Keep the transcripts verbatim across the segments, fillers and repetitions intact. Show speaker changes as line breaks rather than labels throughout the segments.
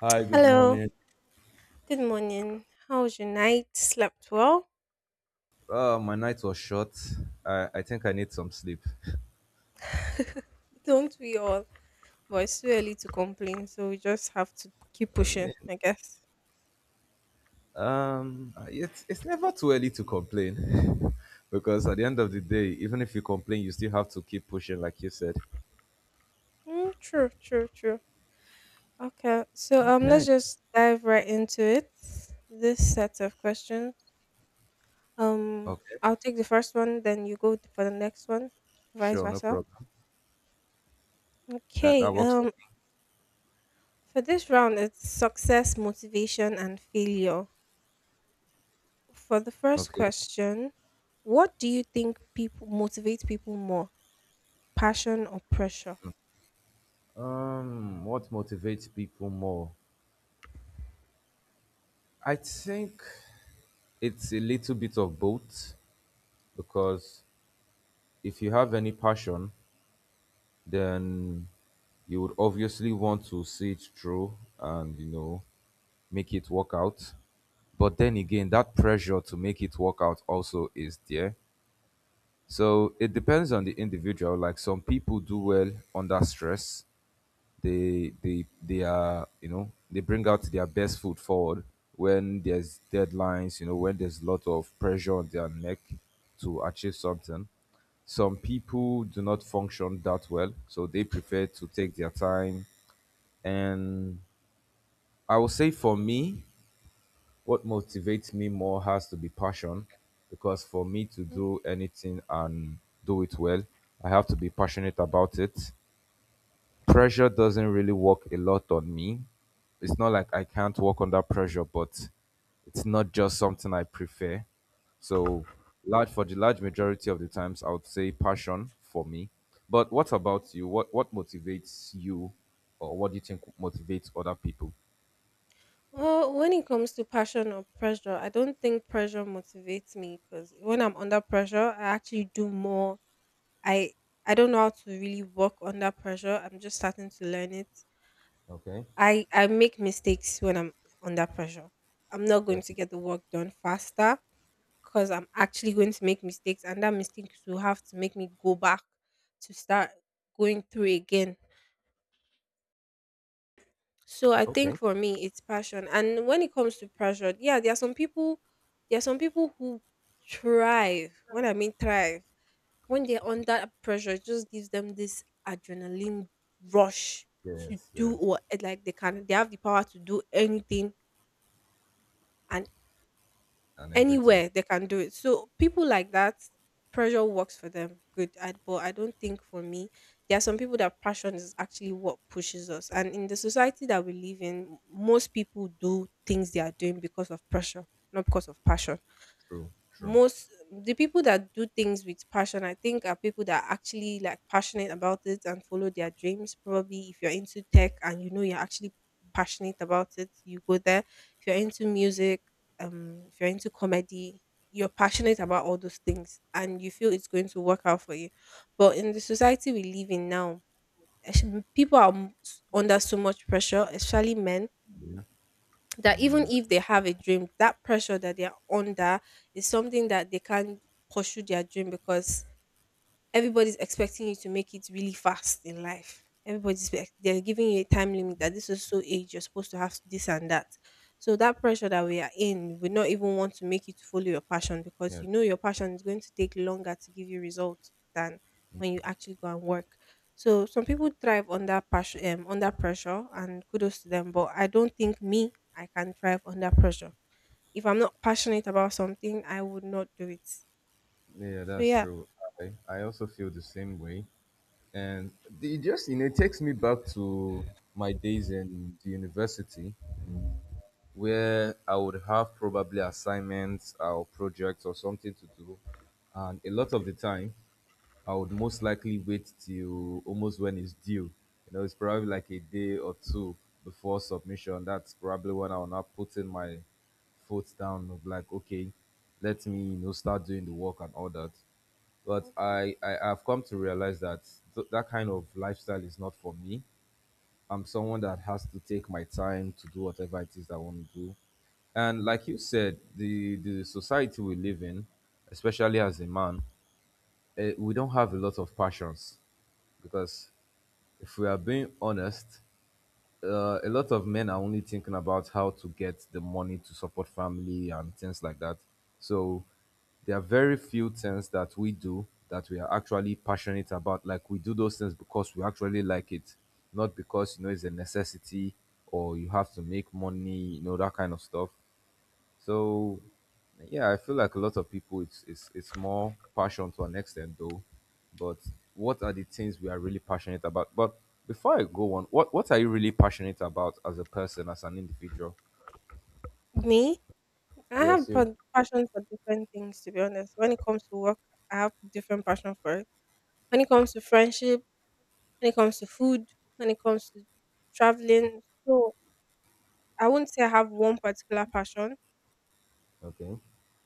Hi, good
Hello,
morning.
good morning. How was your night? Slept well?
Uh, my night was short. I, I think I need some sleep.
Don't we all? But it's too early to complain, so we just have to keep
I mean,
pushing, I guess.
um, it's, it's never too early to complain because at the end of the day, even if you complain, you still have to keep pushing, like you said.
Mm, true, true, true. Okay, so um, let's
Okay.
just dive right into it. This set of questions. Um,
Okay.
I'll take the first one, then you go for the next one, vice
Sure, no
versa.
problem. That, that
Okay.
works for
Um, for this round, it's success, motivation, and failure. For the
me.
first
Okay.
question, what do you think people motivates people more, passion or pressure?
Um, what motivates people more? I think it's a little bit of both because if you have any passion, then you would obviously want to see it through and you know make it work out. But then again, that pressure to make it work out also is there. So it depends on the individual. Like some people do well under stress. They they they are, you know, they bring out their best foot forward when there's deadlines, you know, when there's a lot of pressure on their neck to achieve something. Some people do not function that well, so they prefer to take their time. And I will say for me, what motivates me more has to be passion, because for me to
Mm.
do anything and do it well, I have to be passionate about it. Pressure doesn't really work a lot on me. It's not like I can't work under pressure, but it's not just something I prefer. So, large for the large majority of the times, I would say passion for me. But what about you? What what motivates you, or what do you think motivates other people?
Well, when it comes to passion or pressure, I don't think pressure motivates me because when I'm under pressure, I actually do more. I I don't know how to really work under pressure. I'm just starting to learn it.
Okay,
I I make mistakes when I'm under pressure. I'm not going to
definitely.
get the work done faster because I'm actually going to make mistakes, and that mistakes will have to make me go back to start going through again. So I think
Okay.
for me, it's passion. And when it comes to pressure, yeah, there are some people, there are some people who thrive. When I mean thrive, when they're under pressure, it just gives them this adrenaline rush to
Yes,
do
yes,
or like they can. They have the power to do anything and
and everything.
anywhere they can do it. So people like that, pressure works for them. Good, I, but I don't think for me, there are some people that passion is actually what pushes us. And in the society that we live in, most people do things they are doing because of pressure, not because of passion.
True, true.
Most the people that do things with passion, I think, are people that are actually like passionate about it and follow their dreams. Probably if you're into tech, and you know you're actually passionate about it, you go there. If you're into music, um if you're into comedy, you're passionate about all those things and you feel it's going to work out for you. But in the society we live in now, eh, people are m- s- under so much pressure, especially men, that even if they have a dream, that pressure that they are under is something that they can't pursue their dream because everybody's expecting you to make it really fast in life. Everybody's ex- they're giving you a time limit that this is so age you're supposed to have this and that. So that pressure that we are in, we not even want to make you to follow your passion because
Yeah,
you know your passion is going to take longer to give you results than when you actually go and work. So some people thrive under passion, um, under pressure, and kudos to them. But I don't think me, I can thrive under pressure. If I'm not passionate about something, I would not do it.
yeah,
So
that's
yeah.
true. I I also feel the same way. And the- it just, you know, it takes me back to my days in the university where I would have probably assignments or projects or something to do, and a lot of the time I would most likely wait till almost when it's due. You know, it's probably like a day or two before submission. That's probably when I will now put in my foot down of like, okay, let me, you know, start doing the work and all that. But
Mhm.
I, I I've come to realize that th- that kind of lifestyle is not for me. I'm someone that has to take my time to do whatever it is that I want to do. And like you said, the the society we live in, especially as a man, eh, we don't have a lot of passions because, if we are being honest, uh, a lot of men are only thinking about how to get the money to support family and things like that. So there are very few things that we do that we are actually passionate about. Like, we do those things because we actually like it, not because, you know, it's a necessity, or you have to make money, you know, that kind of stuff. So yeah, I feel like a lot of people, it's it's it's more passion to an extent though. But what are the things we are really passionate about? But before I go on, what what are you really passionate about as a person, as an individual?
Me, I
Yes,
have
you.
pa- passion for different things, to be honest. When it comes to work, I have different passion for it. When it comes to friendship, when it comes to food, when it comes to traveling, so I wouldn't say I have one particular passion.
Okay.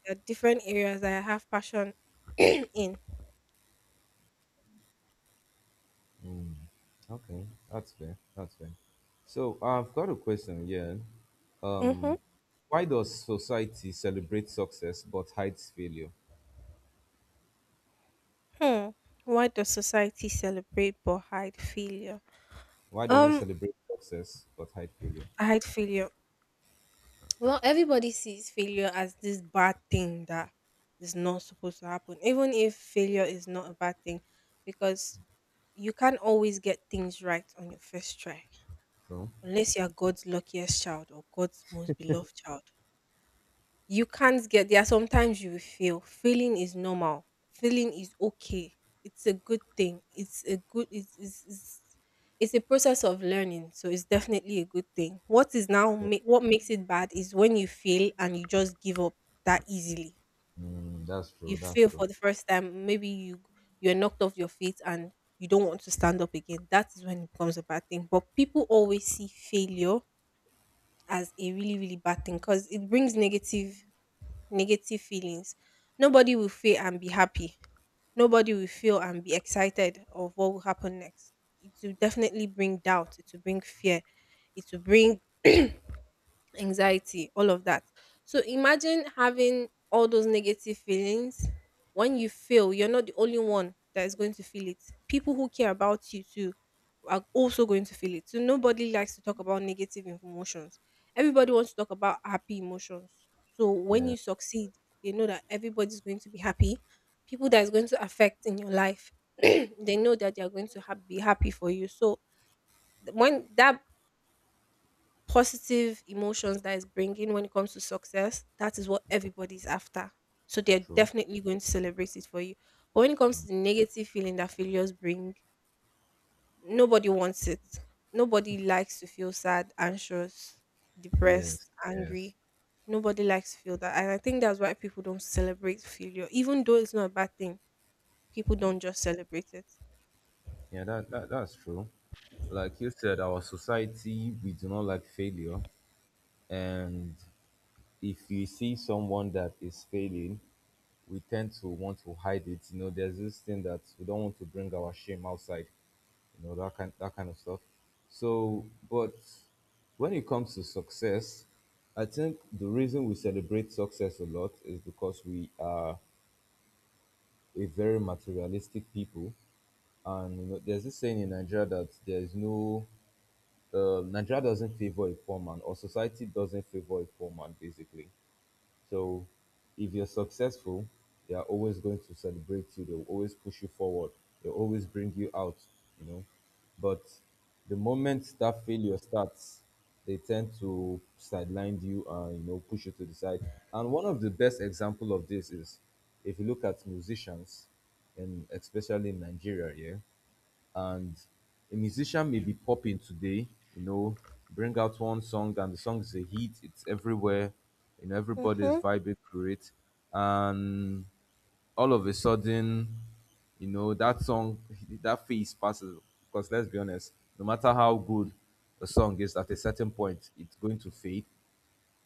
There are different areas that I have passion in.
Okay. That's fair. That's fair. So I've got a question here.
Mm-hmm.
Um, why does society celebrate success but hides failure?
Hmm. Why does society celebrate but hide failure?
Why does it
Um,
celebrate success but hide failure?
hide failure. Well, everybody sees failure as this bad thing that is not supposed to happen, even if failure is not a bad thing, because you can't always get things right on your first try,
True.
unless you're God's luckiest child or God's most beloved child. You can't get there. Are sometimes you will fail. Failing is normal. Failing is okay. It's a good thing. It's a good. It's it's, it's it's a process of learning, so it's definitely a good thing. What is now
Yeah.
ma- what makes it bad is when you fail and you just give up that easily.
Mm, that's
You
true. That's
fail
true.
for the first time, maybe you you're knocked off your feet and you don't want to stand up again. That is when it becomes a bad thing. But people always see failure as a really really bad thing because it brings negative negative feelings. Nobody will fail and be happy. Nobody will fail and be excited of what will happen next. It will definitely bring doubt. It will bring fear. It will bring anxiety, all of that. So imagine having all those negative feelings. When you fail, you're not the only one that is going to feel it. People who care about you too are also going to feel it. So nobody likes to talk about negative emotions. Everybody wants to talk about happy emotions. So when
Yeah.
you succeed, they know that everybody's going to be happy. People that is going to affect in your life, they know that they are going to ha- be happy for you. So th- when that positive emotions that is bringing when it comes to success, that is what everybody's after. So they're
True.
definitely going to celebrate it for you. But when it comes to the negative feeling that failures bring, nobody wants it. Nobody likes to feel sad, anxious,
Yes.
depressed,
Yes.
angry. Nobody likes to feel that. And I think that's why people don't celebrate failure. Even though it's not a bad thing, people don't just celebrate it.
Yeah. That, that that's true. Like you said, our society, we do not like failure, and if we see someone that is failing, we tend to want to hide it. You know, there's this thing that we don't want to bring our shame outside. You know, that kind that kind of stuff. So, but when it comes to success, I think the reason we celebrate success a lot is because we are a very materialistic people. And you know, there's this saying in Nigeria that there is no uh, Nigeria doesn't favor a poor man, or society doesn't favor a poor man, basically. So, if you're successful, they are always going to celebrate you. They'll always push you forward. They'll always bring you out. You know, but the moment that failure starts, they tend to sideline you and, you know, push you to the side. And one of the best example of this is, if you look at musicians, and especially in Nigeria, yeah, and a musician may be popping today, you know, bring out one song and the song is a hit, it's everywhere, you know, everybody is
Mm-hmm.
vibing to it. And all of a sudden, you know, that song, that phase passes. Because let's be honest, no matter how good a song is, at a certain point, it's going to fade.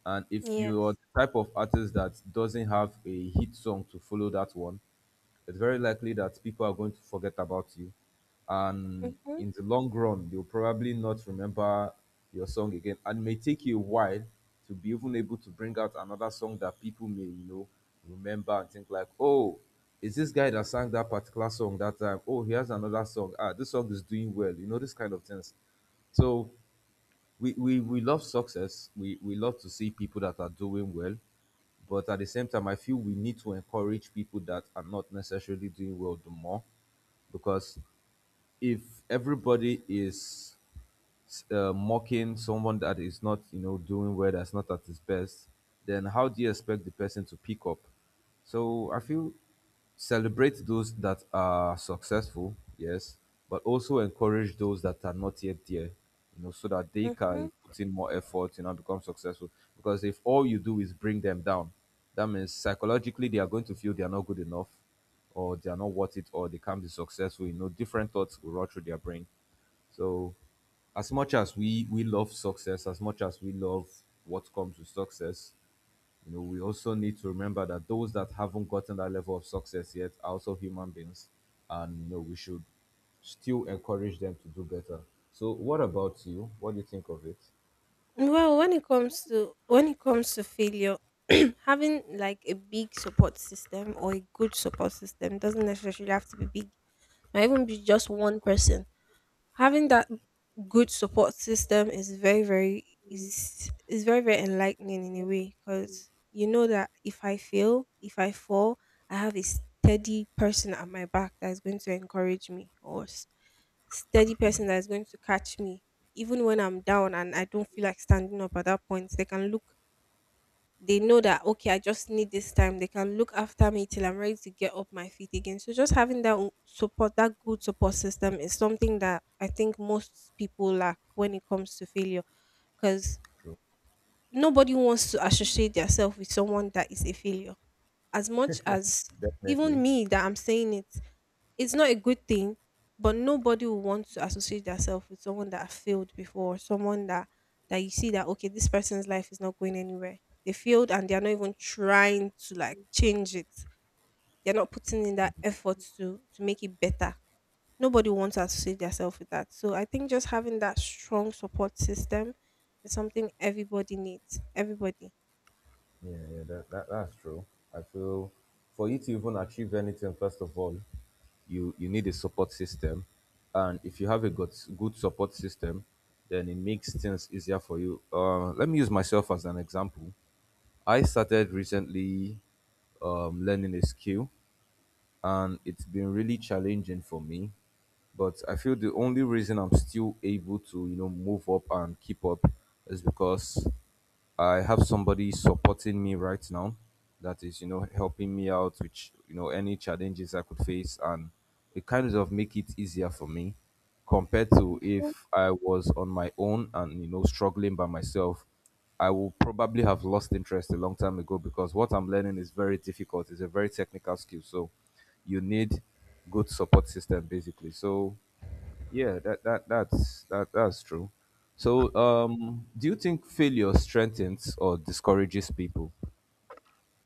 And if you're
Yes.
the type of artist that doesn't have a hit song to follow that one, it's very likely that people are going to forget about you. And
Mm-hmm.
in the long run, you'll probably not remember your song again. And it may take you a while to be even able to bring out another song that people may, you know, remember and think like, oh, is this guy that sang that particular song that time? Oh, he has another song. Ah, this song is doing well. You know, this kind of things. So we, we, we love success. We, we love to see people that are doing well. But at the same time, I feel we need to encourage people that are not necessarily doing well the more, because if everybody is uh, mocking someone that is not, you know, doing well, that's not at his best, then how do you expect the person to pick up? So I feel, celebrate those that are successful, yes, but also encourage those that are not yet there, you know, so that they
Mm-hmm.
can put in more effort, you know, become successful. Because if all you do is bring them down, that means psychologically they are going to feel they are not good enough, or they are not worth it, or they can't be successful. You know, different thoughts will run through their brain. So as much as we we love success, as much as we love what comes with success, you know, we also need to remember that those that haven't gotten that level of success yet are also human beings, and you know, we should still encourage them to do better. So what about you? What do you think of it?
Well, when it comes to when it comes to failure, having like a big support system or a good support system doesn't necessarily have to be big. Might even be just one person. Having that good support system is very very is is very very enlightening in a way because you know that if I fail, if I fall, I have a steady person at my back that is going to encourage me or s- steady person that is going to catch me even when I'm down and I don't feel like standing up. At that point, they can look, they know that okay, I just need this time. They can look after me till I'm ready to get up my feet again. So just having that o- support that good support system is something that I think most people lack when it comes to failure because
True.
nobody wants to associate themselves with someone that is a failure. As much as even
Definitely.
me that I'm saying it, it's not a good thing, but nobody will want to associate themselves with someone that failed before, someone that that you see that okay, this person's life is not going anywhere. They failed and they are not even trying to like change it. They're not putting in that effort to to make it better. Nobody wants to associate themselves with that. So I think just having that strong support system is something everybody needs. Everybody.
Yeah, yeah, that, that that's true. I feel for you to even achieve anything, first of all, you you need a support system, and if you have a good good support system, then it makes things easier for you. Uh, let me use myself as an example. I started recently um, learning a skill, and it's been really challenging for me. But I feel the only reason I'm still able to, you know, move up and keep up is because I have somebody supporting me right now that is, you know, helping me out with, you know, any challenges I could face, and it kind of make it easier for me compared to if I was on my own and, you know, struggling by myself. I will probably have lost interest a long time ago because what I'm learning is very difficult. It's a very technical skill. So you need good support system basically. So yeah, that that that's that that's true. So um, do you think failure strengthens or discourages people?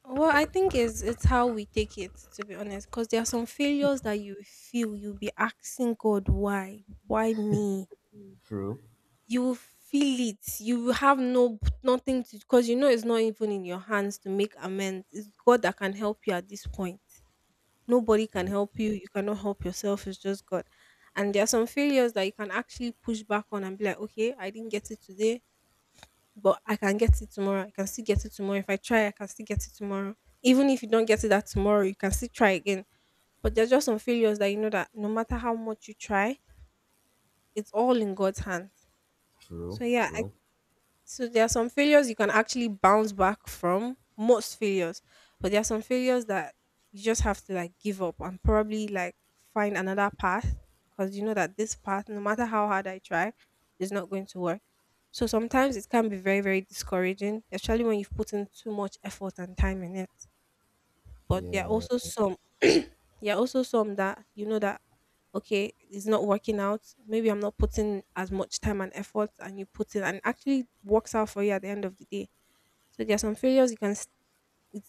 Well, I think it's it's how we take it, to be honest, because there are some failures that you feel you'll be asking God, why, why me?
True,
You will feel it. You will have no nothing to because you know it's not even in your hands to make amends. It's God that can help you at this point. Nobody can help you. You cannot help yourself. It's just God. And there are some failures that you can actually push back on and be like, okay, I didn't get it today but I can get it tomorrow. I can still get it tomorrow. If I try, I can still get it tomorrow. Even if you don't get it that tomorrow, you can still try again. But there's just some failures that you know that no matter how much you try, it's all in God's hands.
true,
So yeah, I
true.
so there are some failures you can actually bounce back from, most failures, but there are some failures that you just have to like give up and probably like find another path because you know that this path, no matter how hard I try, is not going to work. So sometimes it can be very, very discouraging, especially when you've put in too much effort and time in it. But there are also some there are also some that you know that okay, it's not working out, maybe I'm not putting as much time and effort and you put in and it actually works out for you at the end of the day. So there are some failures you can s-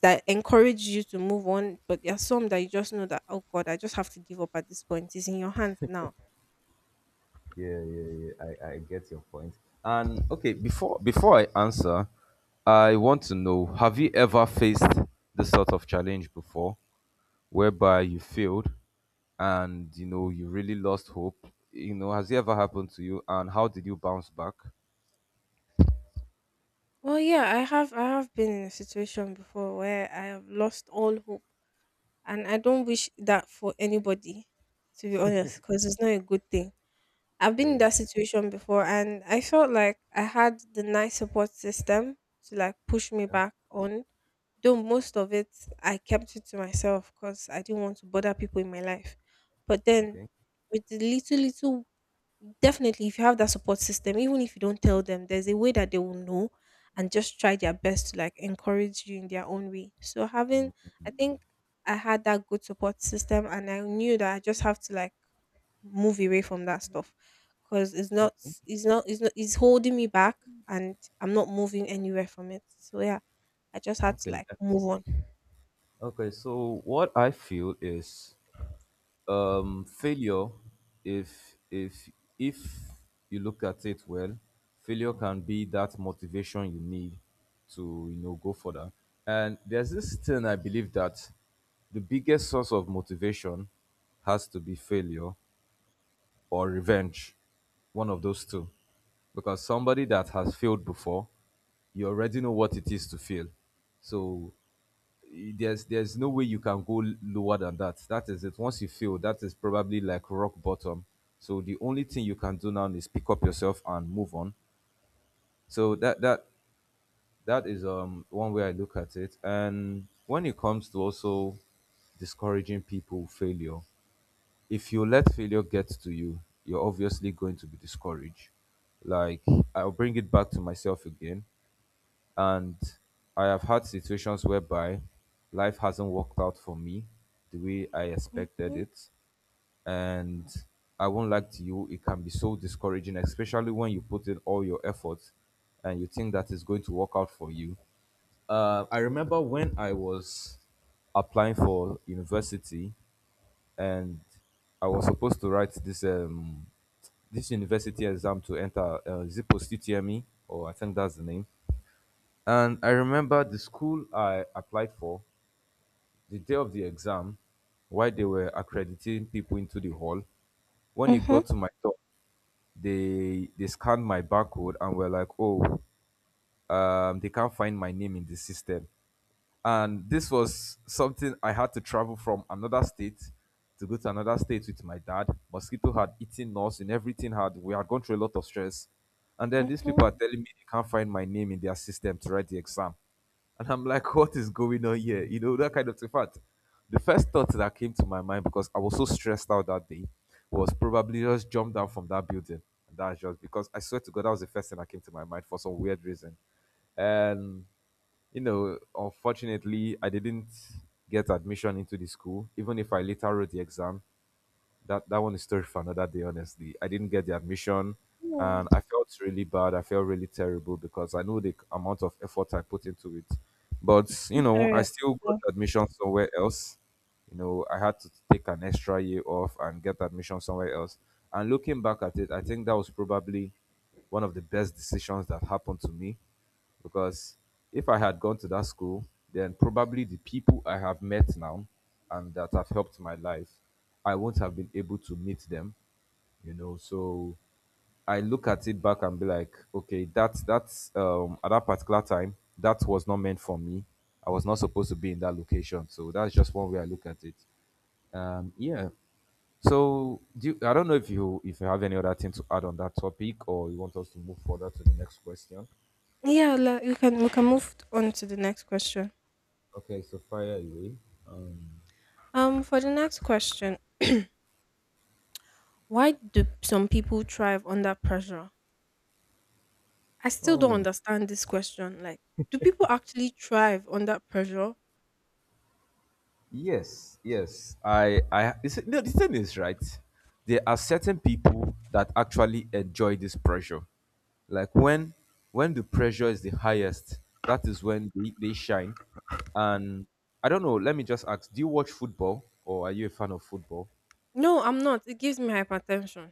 that encourage you to move on, but there are some that you just know that oh God, I just have to give up at this point. It's in your hands now.
Yeah, yeah, yeah. I, I get your point. And okay, before before I answer, I want to know: have you ever faced this sort of challenge before, whereby you failed, and you know you really lost hope? You know, has it ever happened to you? And how did you bounce back?
Well yeah, i have I have been in a situation before where I have lost all hope, and I don't wish that for anybody, to be honest, because it's not a good thing. I've been in
Yeah.
that situation before and I felt like I had the nice support system to like push me
Yeah.
back on. Though most of it I kept it to myself because I didn't want to bother people in my life. But then
Okay.
with the little little definitely if you have that support system, even if you don't tell them, there's a way that they will know and just try their best to like encourage you in their own way. So having I think I had that good support system and I knew that I just have to like move away from that stuff because it's not
Okay.
it's not it's not it's holding me back and I'm not moving anywhere from it, so yeah, I just had to
Okay.
like move
that's-
on.
Okay. So what I feel is, um, failure, if if if you look at it well, failure can be that motivation you need to, you know, go further. And there's this thing I believe that the biggest source of motivation has to be failure or revenge. One of those two. Because somebody that has failed before, you already know what it is to fail. So eh, there's there's no way you can go l- lower than that. That is it. Once you fail, that is probably like rock bottom. So the only thing you can do now is pick up yourself and move on. So that that that is, um, one way I look at it. And when it comes to also discouraging people failure, if you let failure get to you, you're obviously going to be discouraged. Like, I'll bring it back to myself again. And I have had situations whereby life hasn't worked out for me the way I expected
Mm-hmm,
it. And I won't lie to you, it can be so discouraging, especially when you put in all your efforts and you think that it's going to work out for you uh, I remember when I was applying for university, and I was supposed to write this um this university exam to enter, uh, is it post U T M E, or I think that's the name. And I remember the school I applied for, the day of the exam, while they were accrediting people into the hall. When it
mm-hmm,
got to my top, they they scanned my barcode and were like, "Oh, um, they can't find my name in the system." And this was something I had to travel from another state to go to another state with my dad. Mosquito had eaten us and everything, had we had gone through a lot of stress. And then these people
mm-hmm.
are telling me they can't find my name in their system to write the exam. And I'm like, what is going on here? You know, that kind of thing. In fact, the first thought that came to my mind, because I was so stressed out that day, was probably just jump down from that building. And that's just because I swear to God, that was the first thing that came to my mind for some weird reason. And you know, unfortunately, I didn't get admission into the school, even if I later wrote the exam. That that one is story for another day, honestly. I didn't get the admission and
Mm.
I felt really bad. I felt really terrible because I knew the amount of effort I put into it. But, you
So
know,
sorry
I still
about
got
that.
admission somewhere else. You know, I had to take an extra year off and get admission somewhere else. And looking back at it, I think that was probably one of the best decisions that happened to me because if I had gone to that school, then probably the people I have met now and that have helped my life, I won't have been able to meet them, you know. So I look at it back and be like, okay, that that's um at that particular time, that was not meant for me. I was not supposed to be in that location. So that's just one way I look at it. Um yeah. So do you, I don't know if you if you have any other thing to add on that topic, or you want us to move further to the next question.
Yeah, like, we can we can move on to the next question.
Okay, so fire away. Um,
Um for the next question why do some people thrive under pressure? I still don't understand this question, like, do people actually thrive under pressure?
Yes, yes. I, I. It's, no, the thing is, right? There are certain people that actually enjoy this pressure. Like when, when the pressure is the highest, that is when they, they shine. And I don't know. Let me just ask: do you watch football, or are you a fan of football?
No, I'm not, it gives me hypertension.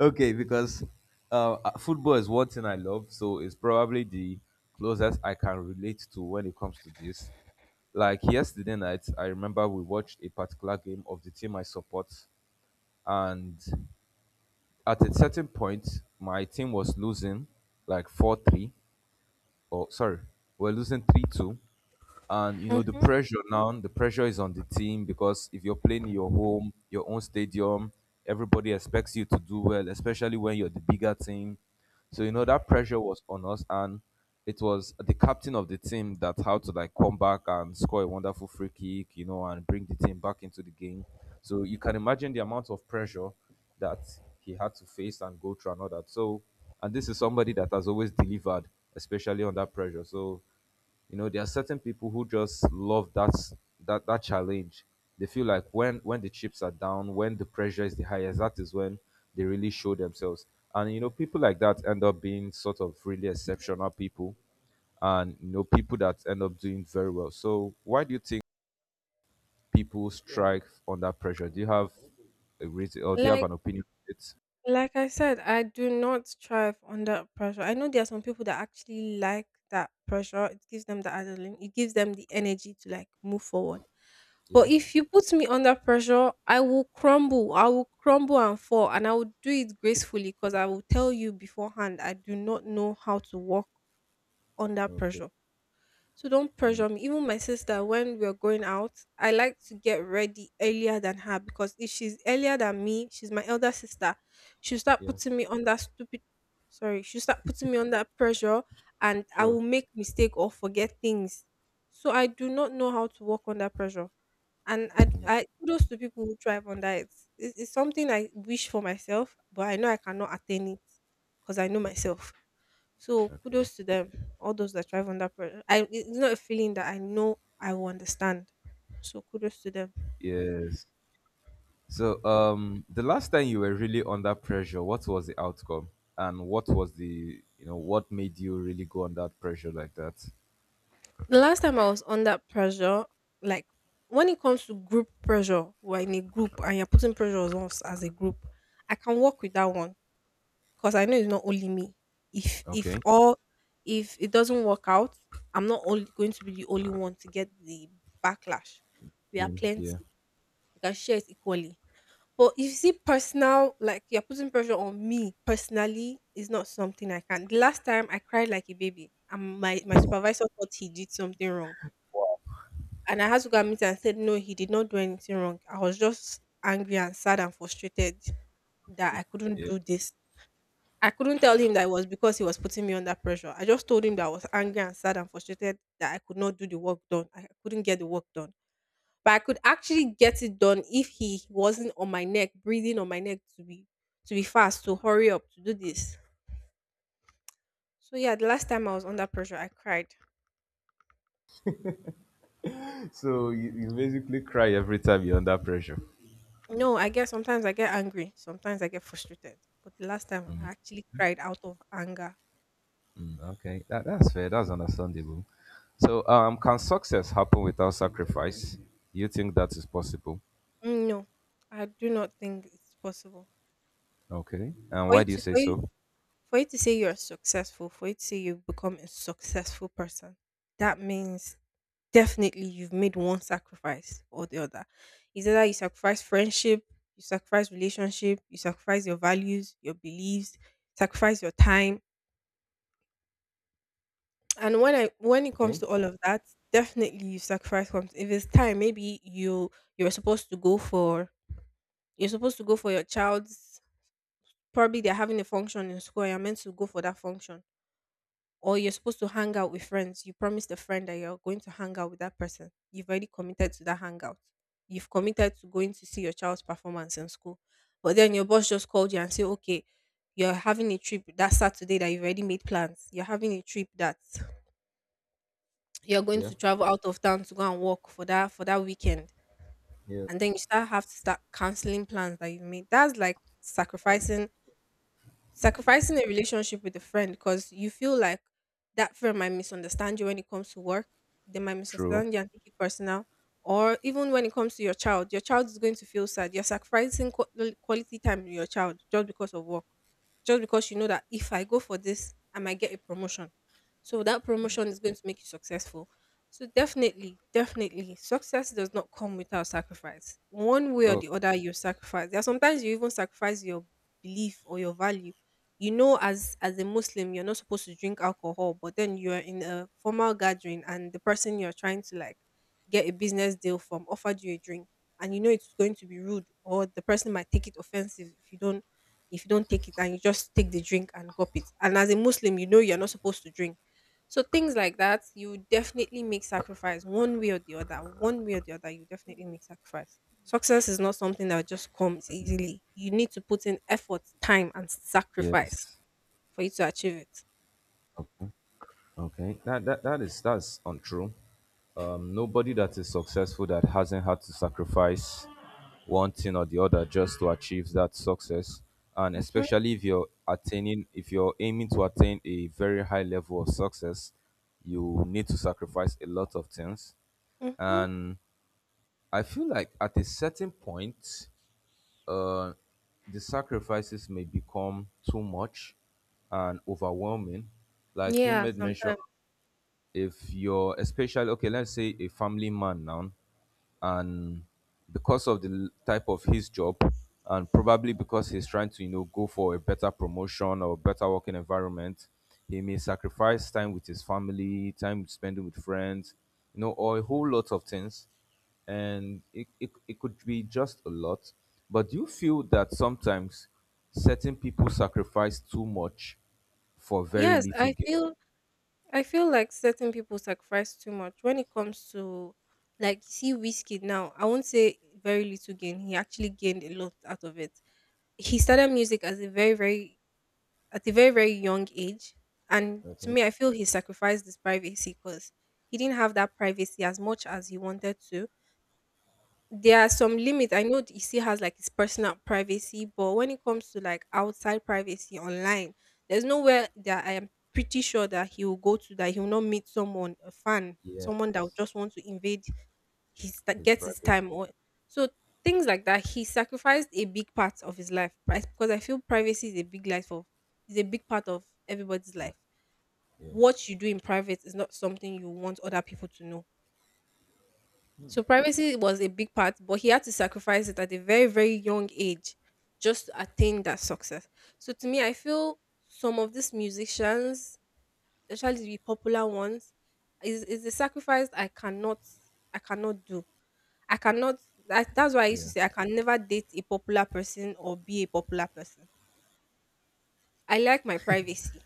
Okay, because uh, uh, football is one thing I love, so it's probably the closest I can relate to when it comes to this. Like yesterday night, I remember we watched a particular game of the team I support, and at a certain point, my team was losing like four three, or sorry, we're losing three two. And you know, the
Hmm.
pressure, now the pressure is on the team, because if you're playing in your home, your own stadium, everybody expects you to do well, especially when you're the bigger team. So you know that pressure was on us, and it was the captain of the team that had to, like, come back and score a wonderful free kick, you know, and bring the team back into the game. So you can imagine the amount of pressure that he had to face and go through and all that. So, and this is somebody that has always delivered, especially under pressure. So, you know, there are certain people who just love that that that challenge. They feel like when when the chips are down, when the pressure is the highest, that is when they really show themselves. And you know, people like that end up being sort of really exceptional people, and you know, people that end up doing very well. So, why do you think people strike under pressure? Do you have a reason, or do you have
like
an opinion on it?
Like I said, I do not thrive under pressure. I know there are some people that actually like that pressure. It gives them the adrenaline. It gives them the energy to like move forward.
Yeah.
But if you put me under pressure, I will crumble. I will crumble and fall, and I will do it gracefully because I will tell you beforehand. I do not know how to work under
Okay.
pressure. So don't
Mm,
pressure me. Even my sister, when we're going out, I like to get ready earlier than her because if she's earlier than me, she's my elder sister. She'll start
yeah.
putting me under stupid sorry, she'll start putting me under pressure and I
Sure.
will make mistake or forget things. So I do not know how to work under pressure. And I, I kudos to people who thrive under it. It's, it's something I wish for myself, but I know I cannot attain it because I know
Okay.
myself. So
Okay.
kudos to them, all those that thrive under pressure. I it's not a feeling that I know I will understand. So kudos to them.
Yes. So, um, the last time you were really under pressure, what was the outcome, and what was the, you know, what made you really go under pressure like that?
The last time I was under pressure, like when it comes to group pressure, we're in a group and you're putting pressure on us as a group, I can work with that one because I know it's not only me. If if
Okay.
all if it doesn't work out, I'm not only going to be the only one to get the backlash. We are
Mm, yeah.
plenty. We can share it equally. But if you see, personal, like you're putting pressure on me personally is not something I can. The last time I cried like a baby, and my, my supervisor thought he did something wrong. And I had to go and meet him and said, no, he did not do anything wrong. I was just angry and sad and frustrated that I couldn't
Yeah.
do this. I couldn't tell him that it was because he was putting me under pressure. I just told him that I was angry and sad and frustrated that I could not do the work done. I couldn't get the work done but I could actually get it done if he wasn't on my neck, breathing on my neck to be to be fast, to hurry up, to do this. So yeah, the last time I was under pressure, I cried.
So you, you basically cry every time you're under pressure.
No, I guess sometimes I get angry, sometimes I get frustrated. But the last time I actually cried out of anger.
Mm, okay, that, that's fair. That's understandable. So, um, can success happen without sacrifice? You think that is possible?
Mm, no, I do not think it's possible
Okay. And
for
why
you
do you
to
say
for you
so?
for you to say you're successful, for you to say you've become a successful person. That means definitely you've made one sacrifice or the other. It's either you sacrifice friendship, you sacrifice relationship, you sacrifice your values, your beliefs, sacrifice your time. And when I when it
Okay.
comes to all of that, definitely you sacrifice comes. If it's time, maybe you you're supposed to go for you're supposed to go for your child's probably they're having a function in school and you're meant to go for that function or you're supposed to hang out with friends. You promised a friend that you're going to hang out with that person. You've already committed to that hangout. You've committed to going to see your child's performance in school. But then your boss just called you and said, okay, you're having a trip that Saturday that you've already made plans. You're having a trip that you're going
Yeah.
to travel out of town to go and work for that for that weekend.
Yeah.
And then you start have to start canceling plans that you've made. That's like sacrificing sacrificing a relationship with a friend because you feel like that friend might misunderstand you when it comes to work. They might
True.
misunderstand you and take it personal. Or even when it comes to your child, your child is going to feel sad. You're sacrificing qu- quality time with your child just because of work, just because you know that if I go for this, I might get a promotion. So that promotion is going to make you successful. So definitely, definitely, success does not come without sacrifice. One way or
Oh.
the other, you sacrifice. There are sometimes you even sacrifice your belief or your value. You know, as as a Muslim you're not supposed to drink alcohol, but then you're in a formal gathering and the person you're trying to like get a business deal from offered you a drink, and you know it's going to be rude or the person might take it offensive if you don't if you don't take it, and you just take the drink and gulp it, and as a Muslim you know you're not supposed to drink. So things like that, you definitely make sacrifice one way or the other. One way or the other, you definitely make sacrifice. Success is not something that just comes easily. You need to put in effort, time, and sacrifice
Yes.
for you to achieve it.
Okay. Okay. That that that is that's untrue. Um, nobody that is successful that hasn't had to sacrifice one thing or the other just to achieve that success. And
Mm-hmm,
especially if you're attaining, if you're aiming to attain a very high level of success, you need to sacrifice a lot of things.
mm-hmm.
And I feel like at a certain point, uh, the sacrifices may become too much and overwhelming, like you
Yeah,
made mention.
sometimes.
If you're, especially, okay, let's say a family man now, and because of the type of his job, and probably because he's trying to, you know, go for a better promotion or better working environment, he may sacrifice time with his family, time spending with friends, you know, or a whole lot of things. And it, it, it could be just a lot. But do you feel that sometimes certain people sacrifice too much for very
Yes,
little
I
gain?
feel I feel like certain people sacrifice too much when it comes to like you see Whiskey now. I won't say very little gain. He actually gained a lot out of it. He started music as a very, very at a very, very young age. And to
Okay.
me I feel he sacrificed his privacy because he didn't have that privacy as much as he wanted to. There are some limits. I know he still has like his personal privacy, but when it comes to like outside privacy online, there's nowhere that I am pretty sure that he will go to that he will not meet someone, a fan, someone that would
Yes.
just want to invade his that
His
gets his
private
time or so things like that. He sacrificed a big part of his life, right? Because I feel privacy is a big life of is a big part of everybody's life.
life. Yeah.
What you do in private is not something you want other people to know, so privacy was a big part, but he had to sacrifice it at a very, very young age just to attain that success. So to me, I feel some of these musicians, especially the popular ones, is is a sacrifice I cannot I cannot do. I cannot That, that's why I used to
Yeah.
say I can never date a popular person or be a popular person. I like my privacy.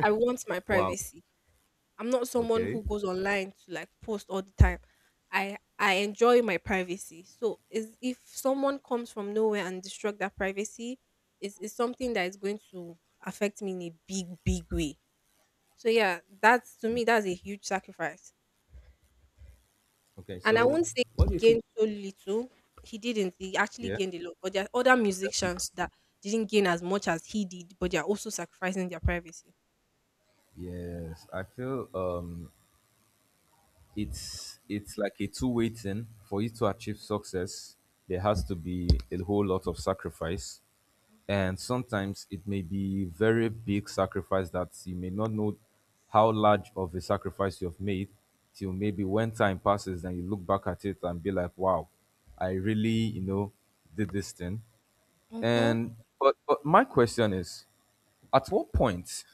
I want my
Wow.
privacy. I'm not someone
Okay.
who goes online to like post all the time. I I enjoy my privacy. So is if someone comes from nowhere and destruct that privacy, is is something that is going to affect me in a big, big way. So yeah, that's to me that's a huge sacrifice.
Okay,
And I
so
won't say
what do
he
you think?
gained so little. He didn't. He actually
Yeah,
gained a lot. But there are other
definitely.
musicians that didn't gain as much as he did, but they are also sacrificing their privacy.
Yes, I feel um, it's it's like a two-way thing. For you to achieve success, there has to be a whole lot of sacrifice,
Hmm.
and sometimes it may be very big sacrifice that you may not know how large of a sacrifice you have made till maybe when time passes, then you look back at it and be like, "Wow, I really, you know, did this thing."
Mm-hmm.
And but, but my question is, at what point,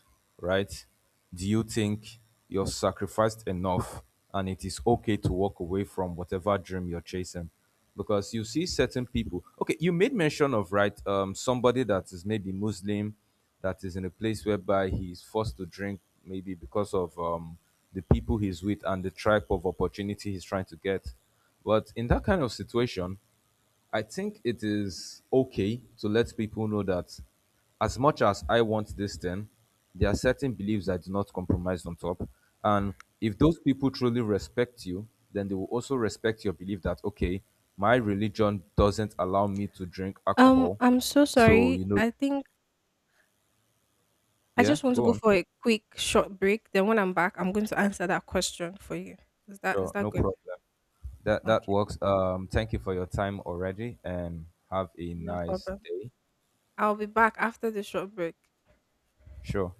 right, do you think you're sacrificed enough and it is okay to walk away from whatever dream you're chasing? Because you see certain people. Okay, you made mention of, right, um, somebody that is maybe Muslim, that is in a place whereby he's forced to drink, maybe because of, um, the people he's with and the type of opportunity he's trying to get. But in that kind of situation, I think it is okay to let people know that as much as I want this thing, there are certain beliefs I do not compromise on top. And if those people truly respect you, then they will also respect your belief that, okay, my religion doesn't allow me to drink
Um,
alcohol.
I'm so
So,
sorry.
you know,
I think I
yeah,
just want to
go
go
on.
for a quick short break. Then when I'm back, I'm going to answer that question for you. Is that is
Sure, no
that good?
problem. That that
Okay,
works. Um, thank you for your time already, and have a
no
nice
problem.
day.
I'll be back after the short break.
Sure.